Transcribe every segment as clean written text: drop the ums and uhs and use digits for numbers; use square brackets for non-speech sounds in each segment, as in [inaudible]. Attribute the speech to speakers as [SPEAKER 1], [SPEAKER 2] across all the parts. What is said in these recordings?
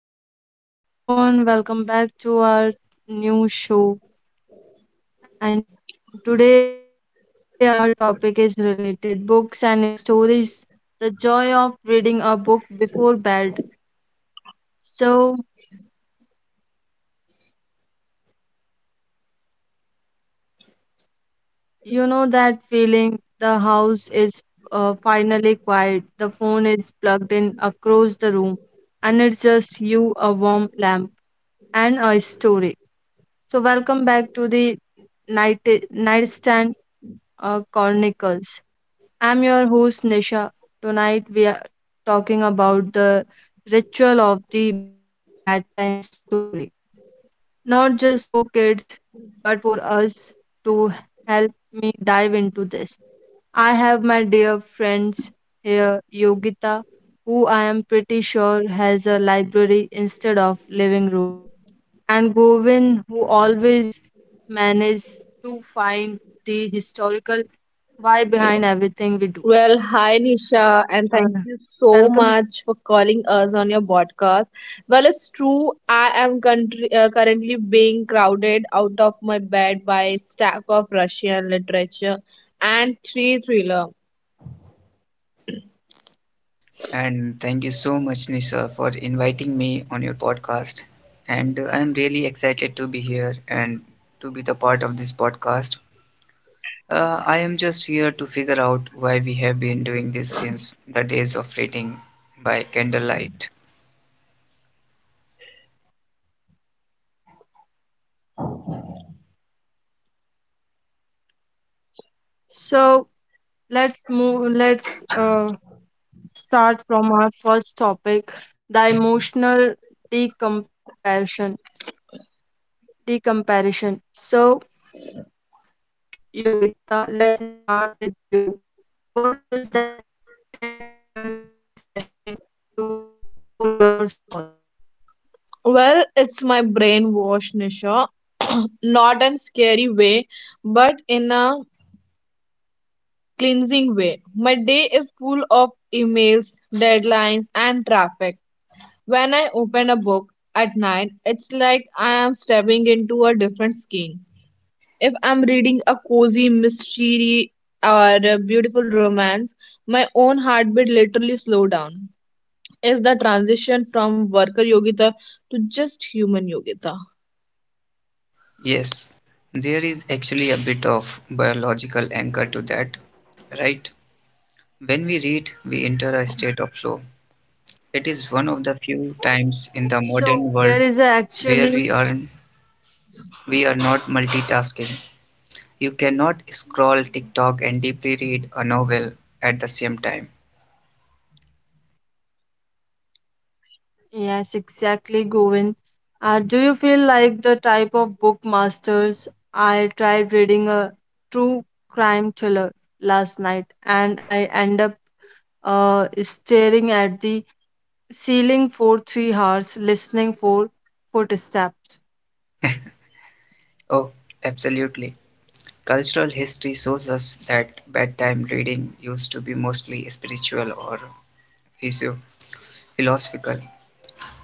[SPEAKER 1] Hello everyone, welcome back to our new show. And today, our topic is related books and stories, the joy of reading a book before bed. So, you know that feeling? The house is finally quiet, the phone is plugged in across the room, and it's just you, a warm lamp, and a story. So, welcome Night Nightstand Chronicles. I'm your host Nisha. Tonight we are talking about the ritual of the bedtime story. Not just for kids, but for us. To help me dive into this, I have my dear friends here, Yogita, who I am pretty sure has a library instead of living room, and Govin, who always manages to find the historical why behind everything we do.
[SPEAKER 2] Well, hi Nisha, and
[SPEAKER 1] Uh,
[SPEAKER 2] thank you so
[SPEAKER 1] Welcome.
[SPEAKER 2] much for calling us on your podcast. Well, it's true, I am currently being crowded out of my bed by stack of Russian literature and three thriller.
[SPEAKER 3] And thank you so much, Nisha, for inviting me on your podcast. And I'm really excited to be here and to be the part of this podcast. I am just here to figure out why we have been doing this since the days of reading by candlelight.
[SPEAKER 1] So let's move. Let's start from our first topic, the emotional decompression. Decomparison. So Yogita, let's start with you. What does that 10 p.m. reading session do for your soul?
[SPEAKER 2] Well, it's my brainwash, Nisha, [coughs] [clears throat] not in scary way, but in a cleansing way. My day is full of emails, deadlines, and traffic. When I open a book at night, it's like I am stepping into a different skin. If I'm reading a cozy mystery or a beautiful romance, my own heartbeat literally slow down. Is the transition from worker yogita to just human yogita?
[SPEAKER 3] Yes, there is actually a bit of biological anchor to that, right? When we read, we enter a state of flow. It is one of the few times in the
[SPEAKER 1] So
[SPEAKER 3] modern
[SPEAKER 1] there
[SPEAKER 3] world
[SPEAKER 1] is
[SPEAKER 3] where
[SPEAKER 1] actually.
[SPEAKER 3] we aren't We are not multitasking. You cannot scroll TikTok and deeply read a novel at the same time.
[SPEAKER 1] Yes, exactly, Govind. Do you feel like the type of book masters? I tried reading a true crime thriller last night and I end up staring at the ceiling for 3 hours, listening for footsteps.
[SPEAKER 3] Oh, absolutely. Cultural history shows us that bedtime reading used to be mostly spiritual or physio- philosophical.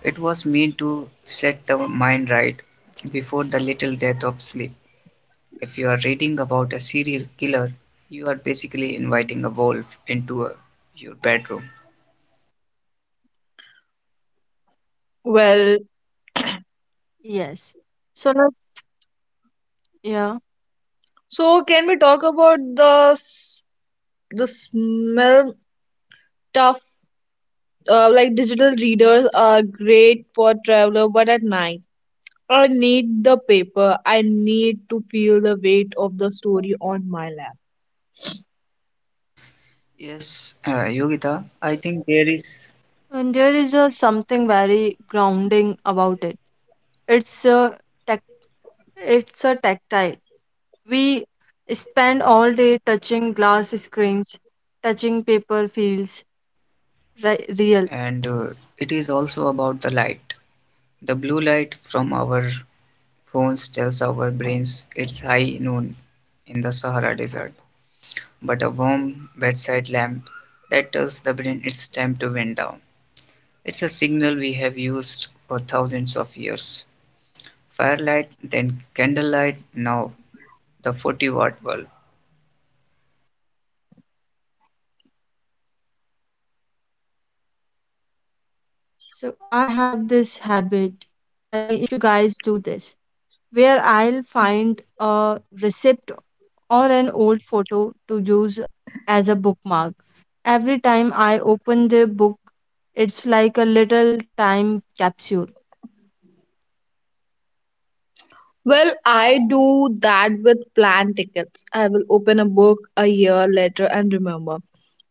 [SPEAKER 3] It was meant to set the mind right before the little death of sleep. If you are reading about a serial killer, you are basically inviting a wolf into your bedroom.
[SPEAKER 2] Well,
[SPEAKER 1] Yes. So yeah.
[SPEAKER 2] so can we talk about s- the smell tough, like digital readers are great for traveler, but at night I need the paper. I need to feel the weight of the story on my lap.
[SPEAKER 3] Yes, Yogita, I think there
[SPEAKER 1] And there
[SPEAKER 3] is
[SPEAKER 1] is a something very grounding about it. It's a tac- it's a tactile. We spend all day touching glass screens, touching paper feels real.
[SPEAKER 3] and it is also about the light. The blue light from our phones tells our brains it's high noon in the Sahara Desert, but a warm bedside lamp that tells the brain it's time to wind down. It's a signal we have used for thousands of years. Firelight, then candlelight, now the 40-watt bulb.
[SPEAKER 1] So I have this habit. Tell me if you guys do this, where I'll find a receipt or an old photo to use as a bookmark. Every time I open the book, it's like a little time capsule.
[SPEAKER 2] Well, I do that with plan tickets. I will open a book a year later and remember,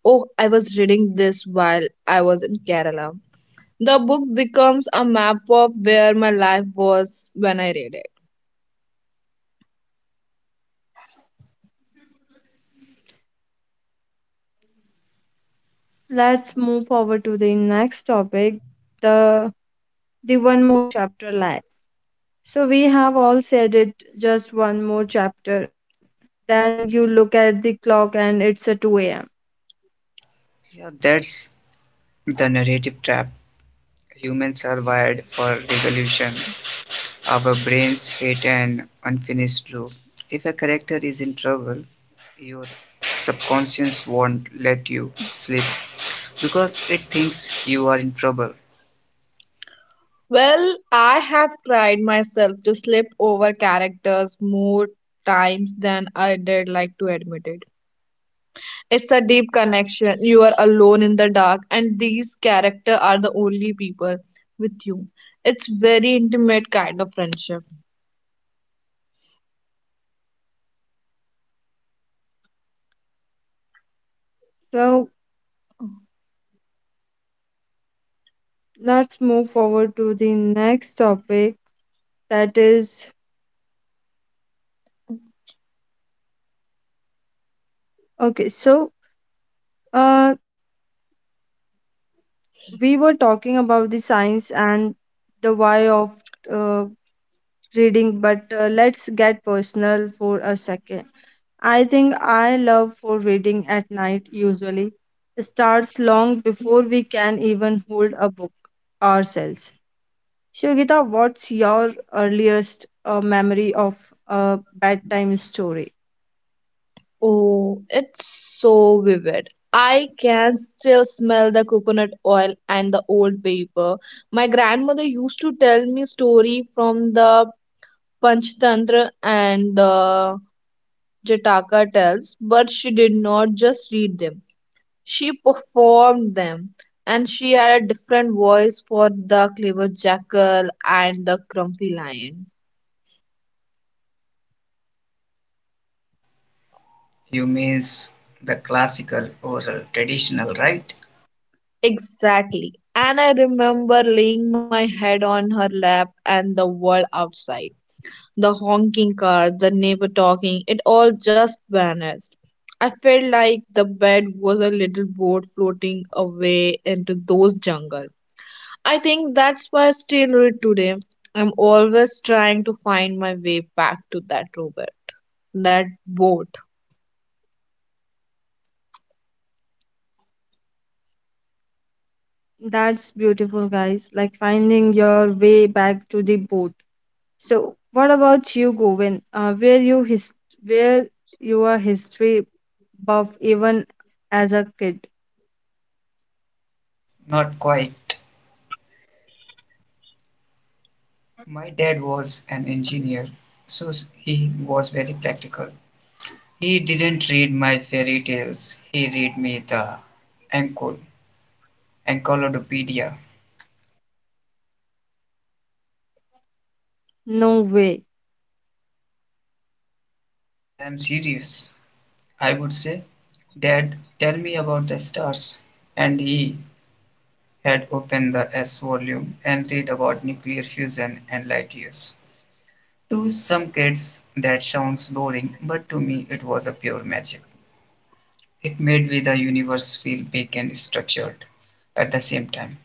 [SPEAKER 2] oh, I was reading this while I was in Kerala. The book becomes a map of where my life was when I read it.
[SPEAKER 1] Let's move forward to the next topic, the the one more chapter left. So we have all said it, just one more chapter. Then you look at the clock and it's a 2 a.m.
[SPEAKER 3] Yeah, that's the narrative trap. Humans are wired for resolution, our brains hate an unfinished loop. If a character is in trouble, your subconscious won't let you sleep because it thinks you are in trouble.
[SPEAKER 2] Well, I have tried myself to slip over characters more times than I did like to admit it. It's a deep connection. You are alone in the dark, and these characters are the only people with you. It's very intimate kind of friendship.
[SPEAKER 1] So let's move forward to the next topic, that is okay. So uh, we were talking about the science and the why of uh, reading, but let's get personal for a second. I think I love for reading at night usually starts long before we can even hold a book ourselves. Shogita, what's your earliest memory of a bedtime story?
[SPEAKER 2] Oh, it's so vivid. I can still smell the coconut oil and the old paper. My grandmother used to tell me story from the Panchatantra and the Jataka tales, but she did not just read them. She performed them, and she had a different voice for the clever jackal and the grumpy lion.
[SPEAKER 3] You means the classical or traditional, right?
[SPEAKER 2] Exactly. And I remember laying my head on her lap and the world outside. The honking car, the neighbor talking, it all just vanished. I felt like the bed was a little boat floating away into those jungle. I think that's why I still read today. I'm always trying to find my way back to that river, that boat.
[SPEAKER 1] That's beautiful, guys. Like finding your way back to the boat. So, what about you, Govin? Where you his where you are history buff even as a kid?
[SPEAKER 3] Not quite. My dad was an engineer, so he was very practical. He didn't read my fairy tales, he read me the Encol- Encyclopedia.
[SPEAKER 1] No way.
[SPEAKER 3] Yes, I am serious. I would say, Dad, tell me about the stars. And he had opened the S volume and read about nuclear fusion and light years. To some kids, that sounds boring, but to me, it was a pure magic. It made me the universe feel big and structured at the same time.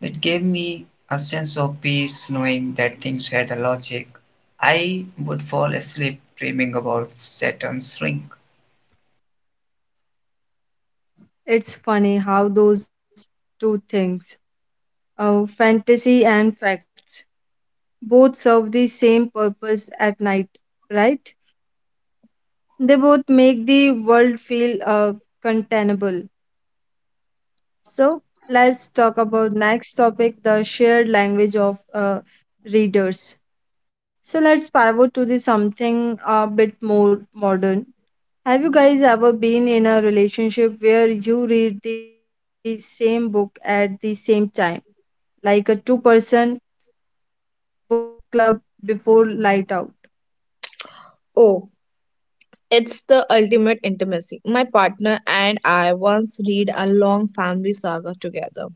[SPEAKER 3] It gave me a sense of peace knowing that things had a logic. I would fall asleep dreaming about Saturn's ring.
[SPEAKER 1] It's funny how those two things, fantasy and facts, both serve the same purpose at night, right? They both make the world feel containable. So let's talk about next topic, the shared language of readers. So let's pivot to the something a bit more modern. Have you guys ever been in a relationship where you read the same book at the same time, like a two-person book club before light out?
[SPEAKER 2] Oh, it's the ultimate intimacy. My partner and I once read a long family saga together.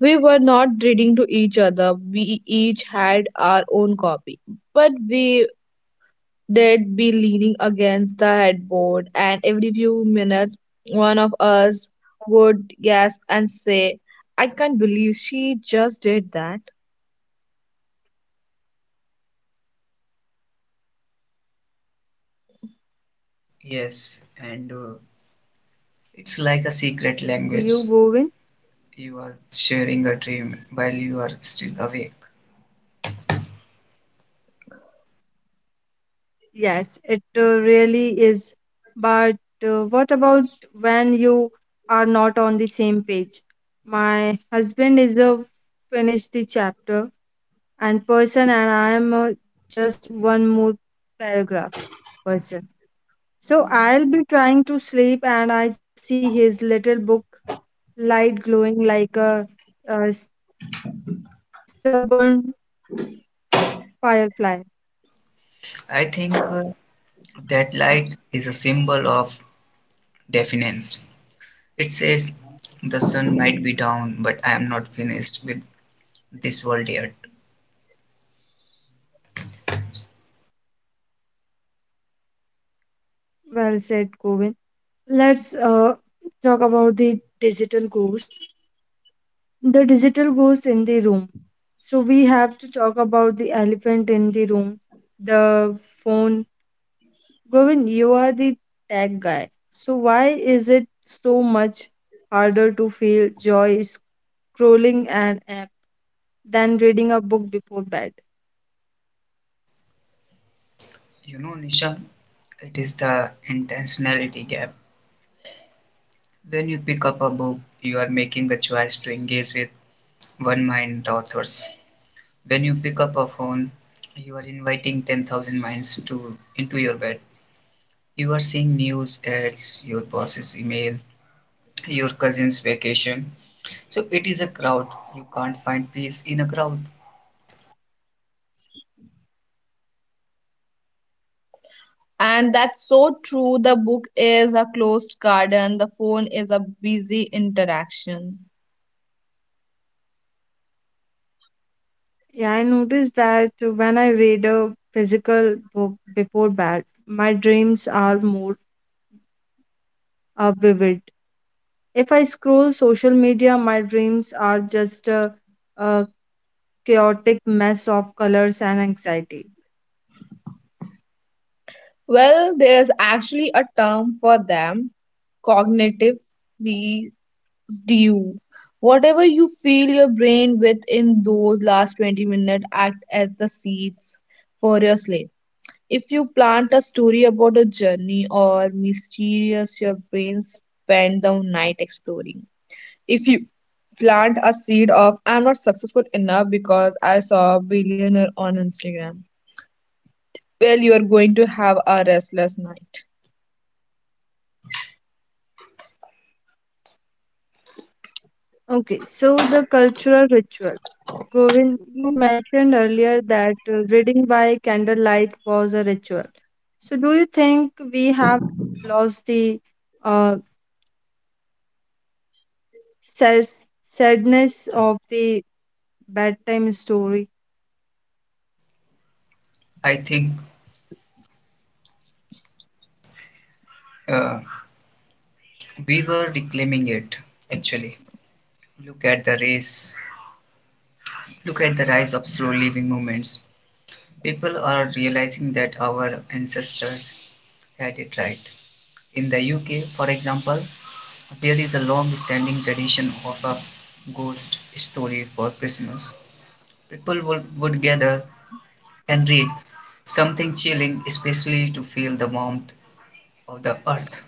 [SPEAKER 2] We were not reading to each other, we each had our own copy. But we did be leaning against the headboard, and every few minutes, one of us would gasp and say, I can't believe she just did that.
[SPEAKER 3] Yes, and it's like a secret
[SPEAKER 1] And for you,
[SPEAKER 3] language.
[SPEAKER 1] Govind?
[SPEAKER 3] You are sharing a dream while you are still awake.
[SPEAKER 1] Yes, it really is. But what about when you are not on the same page? My husband is a finished the chapter and person, and I am a just one more paragraph person. So I'll be trying to sleep, and I just see his little book light glowing like a stubborn firefly.
[SPEAKER 3] I think that light is a symbol of defiance. It says, the sun might be down, but I am not finished with this world yet.
[SPEAKER 1] Well said, Govin. Let's talk about the digital ghost, the digital ghost in the room. So we have to talk about the elephant in the room, the phone. Govin, you are the tech guy. So why is it so much harder to feel joy scrolling an app than reading a book before bed?
[SPEAKER 3] You know, Nisha, it is the intentionality gap. When you pick up a book, you are making a choice to engage with one mind, the authors. When you pick up a phone, you are inviting 10,000 minds to into your bed. You are seeing news ads, your boss's email, your cousin's vacation. So it is a crowd. You can't find peace in a crowd.
[SPEAKER 2] And that's so true. The book is a closed garden, the phone is a busy interaction.
[SPEAKER 1] Yeah, I noticed that when I read a physical book before bed, my dreams are more vivid. If I scroll social media, my dreams are just uh, chaotic mess of colors and anxiety.
[SPEAKER 2] Well, there's actually a term for them, cognitive residue. Whatever you fill your brain with in those last 20 minutes act as the seeds for your slate. If you plant a story about a journey or mysterious, your brain spend the night exploring. If you plant a seed of I'm not successful enough because I saw a billionaire on Instagram, well, you are going to have a restless night.
[SPEAKER 1] Okay, so the cultural ritual. Govind, you mentioned earlier that reading by candlelight was a ritual. So, do you think we have lost the uh, sad- sadness of the bedtime story?
[SPEAKER 3] I think uh, we were reclaiming it actually. Look at the race, look at the rise of slow living movements. People are realizing that our ancestors had it right. In the UK, for example, there is a long standing tradition of a ghost story for Christmas. People would gather and read something chilling, especially to feel the warmth of the earth.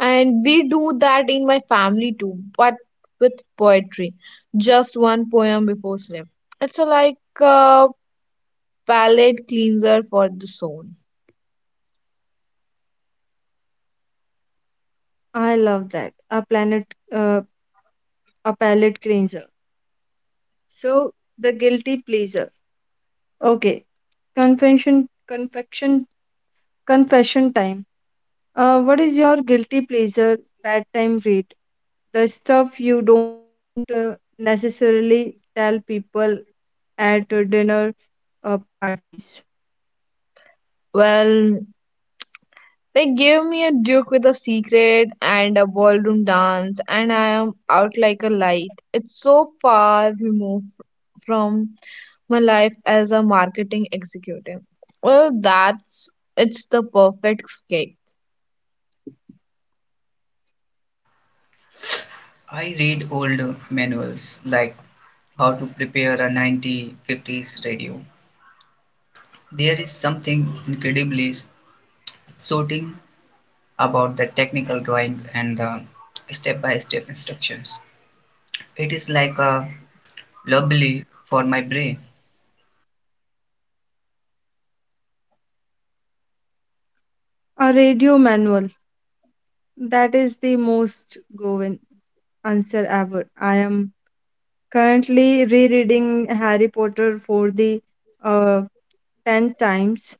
[SPEAKER 2] And we do that in my family too, but with poetry. Just one poem before sleep. It's a, like a palate cleanser for the soul.
[SPEAKER 1] I love that. A planet, uh, a palate cleanser. So, the guilty pleaser. Okay, confession, confection, confession time. What is your guilty pleasure bedtime read? The stuff you don't necessarily tell people at dinner parties.
[SPEAKER 2] Well, they gave me a Duke with a secret and a ballroom dance, and I am out like a light. It's so far removed from my life as a marketing executive. Well, that's it's the perfect escape.
[SPEAKER 3] I read old manuals like how to prepare a 1950s radio. There is something incredibly sorting about the technical drawing and the step by step instructions. It is like a lovely for my brain.
[SPEAKER 1] A radio manual. That is the most going answer ever. I am currently rereading Harry Potter for the uh, 10 times,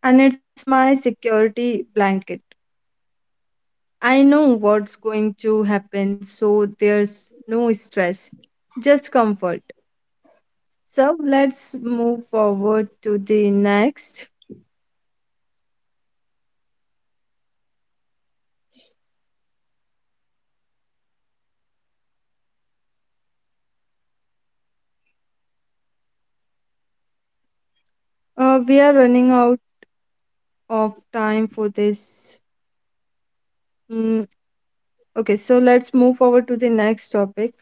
[SPEAKER 1] and it's my security blanket. I know what's going to happen, so there's no stress, just comfort. So let's move forward to the next. We are running out of time for this. Mm, okay, so let's move forward to the next topic.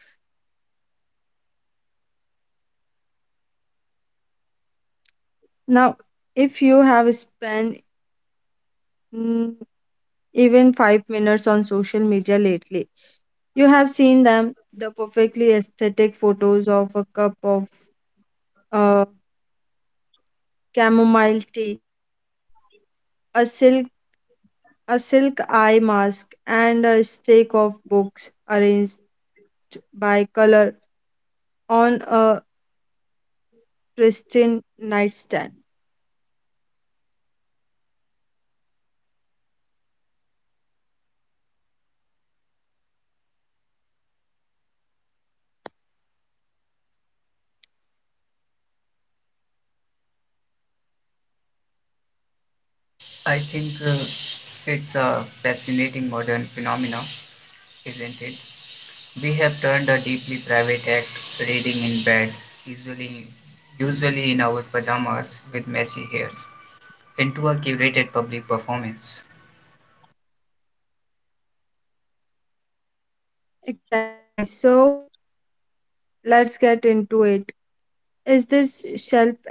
[SPEAKER 1] Now, if you have spent mm, even 5 minutes on social media lately, you have seen them, the perfectly aesthetic photos of a cup of uh, chamomile tea, a silk a silk eye mask, and a stack of books arranged by color on a pristine nightstand.
[SPEAKER 3] I think It's a fascinating modern phenomenon, isn't it? We have turned a deeply private act, reading in bed, usually, usually in our pajamas with messy hairs, into a curated public performance.
[SPEAKER 1] Exactly. So let's get into it. Is this shelf envy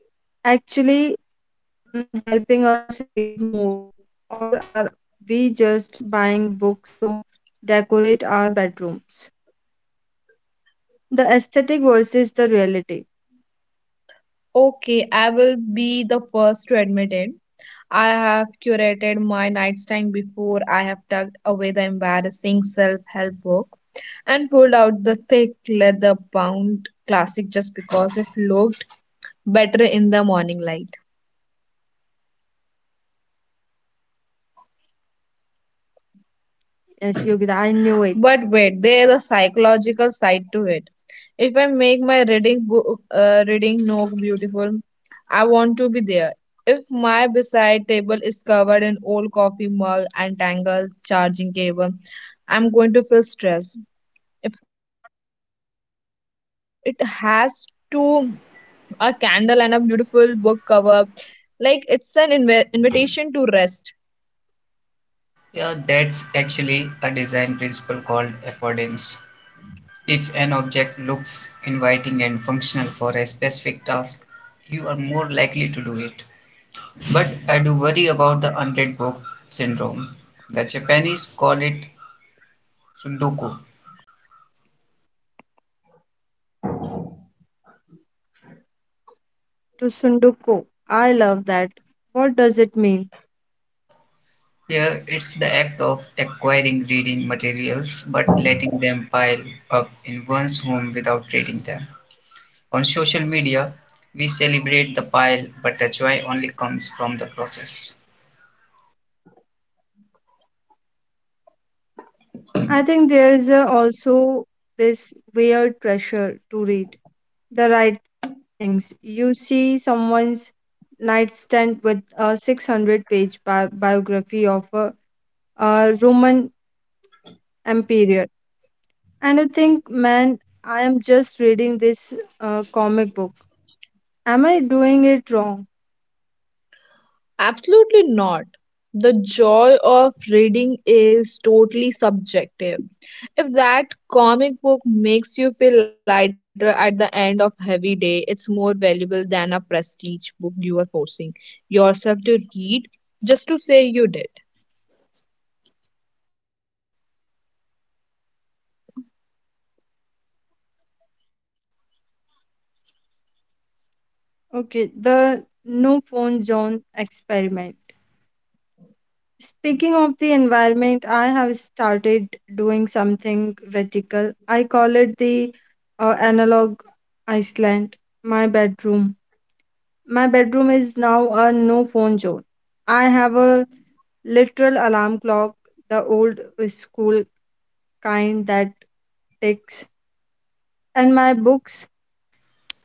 [SPEAKER 1] actually helping us read more, or are we just buying books to decorate our bedrooms? The aesthetic versus the reality.
[SPEAKER 2] Okay, I will be the first to admit it. I have curated my nightstand before I have tucked away the embarrassing self help book and pulled out the thick leather bound classic just because it looked better in the morning light.
[SPEAKER 1] Yes, Yogita, I knew it.
[SPEAKER 2] But wait, there's a psychological side to it. If I make my reading nook beautiful, I want to be there. If my beside table is covered in old coffee mug and tangled charging cable, I'm going to feel stressed. If it has to a candle and a
[SPEAKER 3] Yes.
[SPEAKER 2] beautiful book cover, like it's an invitation to rest.
[SPEAKER 3] Yeah, that's actually a design principle called affordance. If an object looks inviting and functional for a specific task, you are more likely to do it. But I do worry about the unread book syndrome. The Japanese call it sundoku.
[SPEAKER 1] To Sunduko, I love that. What does it mean?
[SPEAKER 3] Here, it's the act of acquiring reading materials but letting them pile up in one's home without reading them. On social media, we celebrate the pile, but the joy only comes from the process.
[SPEAKER 1] I think there is a also this weird pressure to read the right things. You see someone's nightstand with a 600 page biography of Roman emperor, and you think, man, I am just reading this comic book. Am I doing it wrong?
[SPEAKER 2] Absolutely not. The joy of reading is totally subjective. If that comic book makes you feel lighter at the end of heavy day, it's more valuable than a prestige book you are forcing yourself to read just to say you did.
[SPEAKER 1] Okay, the no phone zone experiment. Speaking of the environment, I have started doing something radical. I call it the analog Iceland, my bedroom. My bedroom is now a no phone zone. I have a literal alarm clock, the old school kind ticks, and my books.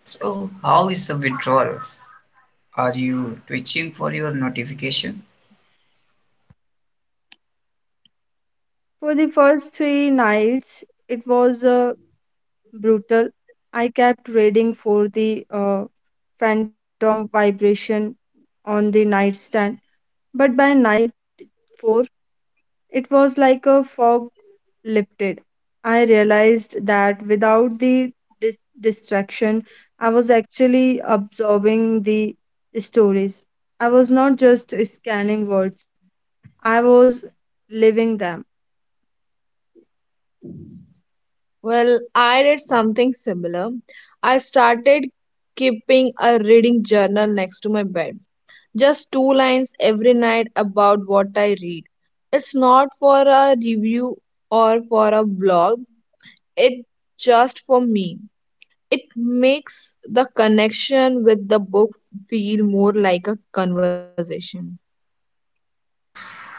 [SPEAKER 3] So, how is the withdrawal? Are you twitching for your notification?
[SPEAKER 1] For the first three nights, it was brutal. I kept reading for the phantom vibration on the nightstand, but by night four, it was like a fog lifted. I realized that without the distraction, I was actually absorbing the stories. I was not just scanning words, I was living them.
[SPEAKER 2] Well, I did something similar. I started keeping a reading journal next to my bed. Just two lines every night about what I read. It's not for a review or for a blog, it's just for me. It makes the connection with the book feel more like a conversation.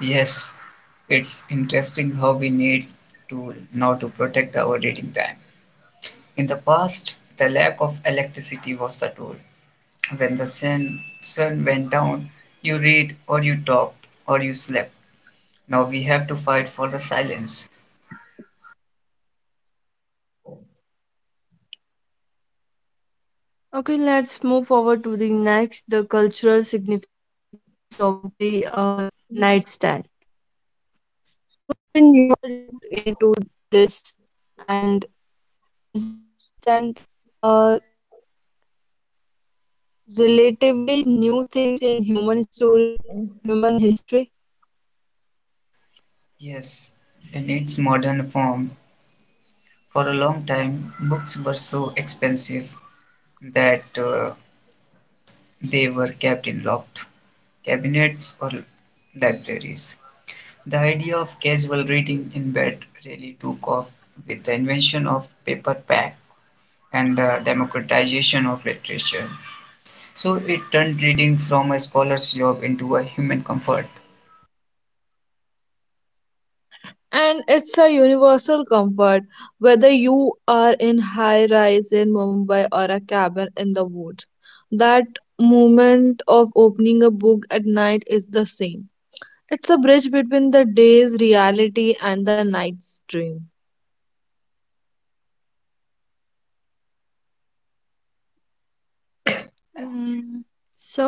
[SPEAKER 3] Yes, it's interesting how we need to now to protect our reading time. In the past, the lack of electricity was the tool. When the sun went down, you read or you talked or you slept. Now we have to fight for the silence.
[SPEAKER 1] Okay, let's move forward to the next, the cultural significance of the nightstand. When you are looked into this, and is the nightstand a relatively new things in human story, human history?
[SPEAKER 3] Yes, in its modern form, for a long time, books were so expensive that they were kept in locked cabinets or libraries. The idea of casual reading in bed really took off with the invention of paperback and the democratization of literature. So it turned reading from a scholar's job into a human comfort.
[SPEAKER 2] And it's a universal comfort whether you are in high rise in Mumbai or a cabin in the woods. That moment of opening a book at night is the same. It's a bridge between the day's reality and the night's dream.
[SPEAKER 1] Mm, So,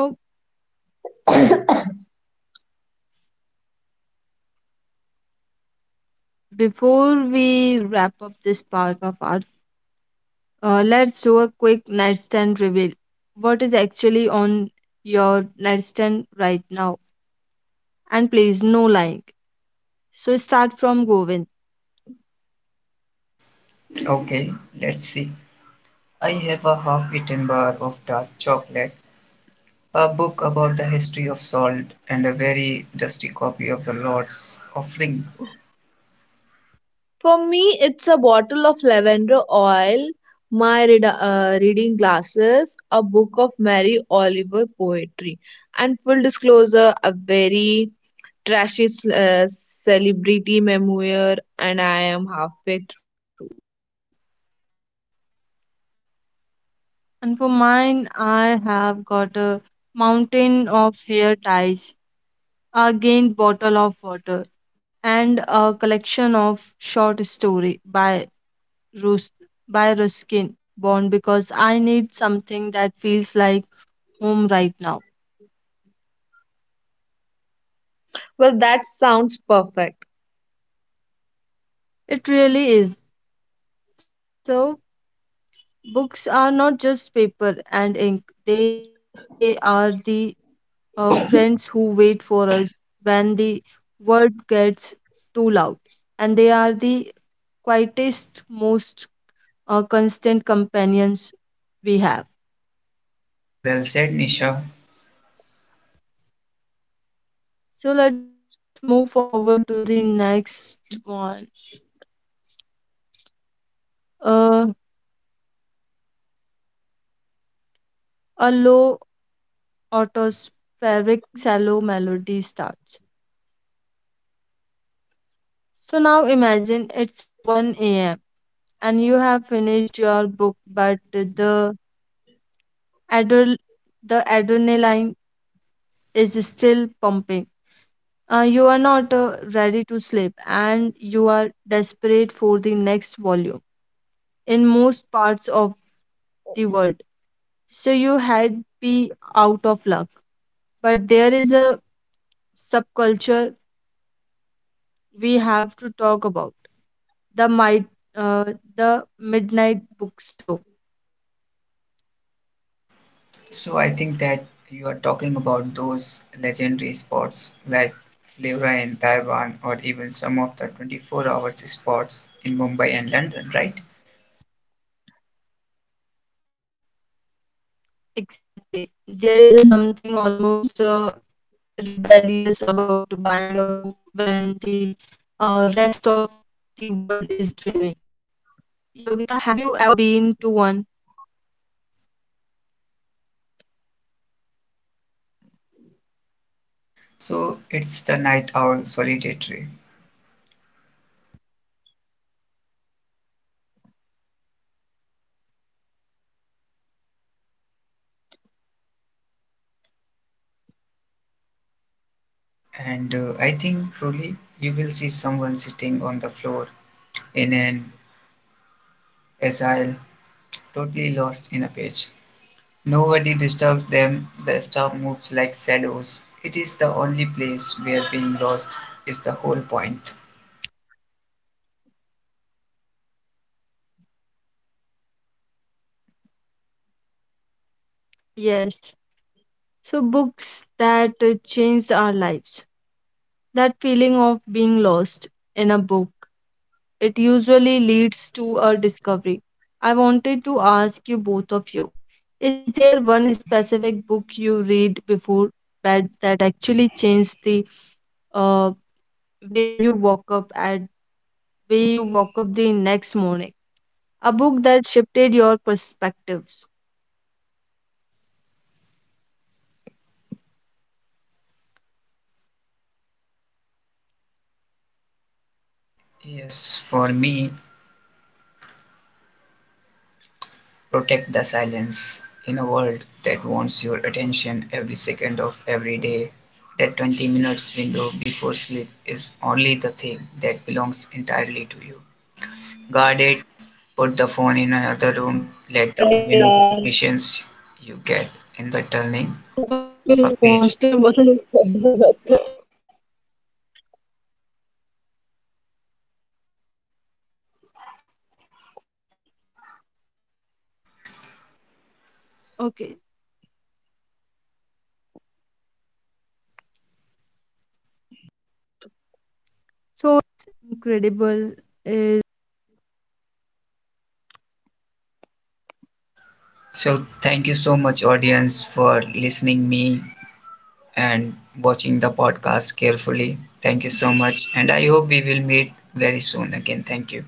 [SPEAKER 1] before we wrap up this part of our, let's do a quick nightstand reveal. What is actually on your nightstand right now? And please, no lying. So, start from Govind.
[SPEAKER 3] Okay, let's see. I have a half eaten bar of dark chocolate, a book about the history of salt, and a very dusty copy of the Lord's Offering.
[SPEAKER 2] For me, it's a bottle of lavender oil, my reading glasses, a book of Mary Oliver poetry, and full disclosure, a very trashy, celebrity memoir, and I am halfway through.
[SPEAKER 1] And for mine, I have got a mountain of hair ties, a gained bottle of water, and a collection of short story by Rus- by Ruskin Bond because I need something that feels home right now.
[SPEAKER 2] Well, that sounds perfect.
[SPEAKER 1] It really is. So, books are not just paper and ink, they are the friends who wait for us when the world gets too loud. And they are the quietest, most constant companions we have.
[SPEAKER 3] Well said, Nisha.
[SPEAKER 1] So, let's move forward to the next one. Uh, a low atmospheric shallow melody starts. So now imagine it's a 1 a.m. and you have finished your book, but the adre- the adrenaline is still pumping. You are not ready to sleep and you are desperate for the next volume in most parts of the world. So you had be out of luck. But there is a subculture we have to talk about, the mid uh, the midnight bookstore.
[SPEAKER 3] So I think that you are talking about those legendary spots like Livra in Taiwan or even some of the 24 hours spots in Mumbai and London, right?
[SPEAKER 1] Exactly, there is a something almost rebellious about buying a book when the rest of the world is dreaming. Yogita, have you ever been to one?
[SPEAKER 3] So it's the night owl solitary. And I think truly you will see someone sitting on the floor in an asile, totally lost in a page. Nobody disturbs them, the star moves like shadows. It is the only place where being lost is the whole point.
[SPEAKER 1] Yes, so books that changed our lives, that feeling of being lost in a book. It usually leads to a discovery. I wanted to ask you both of you, is there one specific book you read before bed that actually changed the uh, way you woke up at way you woke up the next morning? A book that shifted your perspectives.
[SPEAKER 3] Yes, for me, protect the silence. In a world that wants your attention every second of every day, that 20 minutes window before sleep is only the thing that belongs entirely to you. Guard it, put the phone in another room, let the only notifications you get in the turning of a page.
[SPEAKER 1] Okay, so
[SPEAKER 3] So thank you so much audience for listening me and watching the podcast carefully. Thank you so much and I hope we will meet very soon again. Thank you.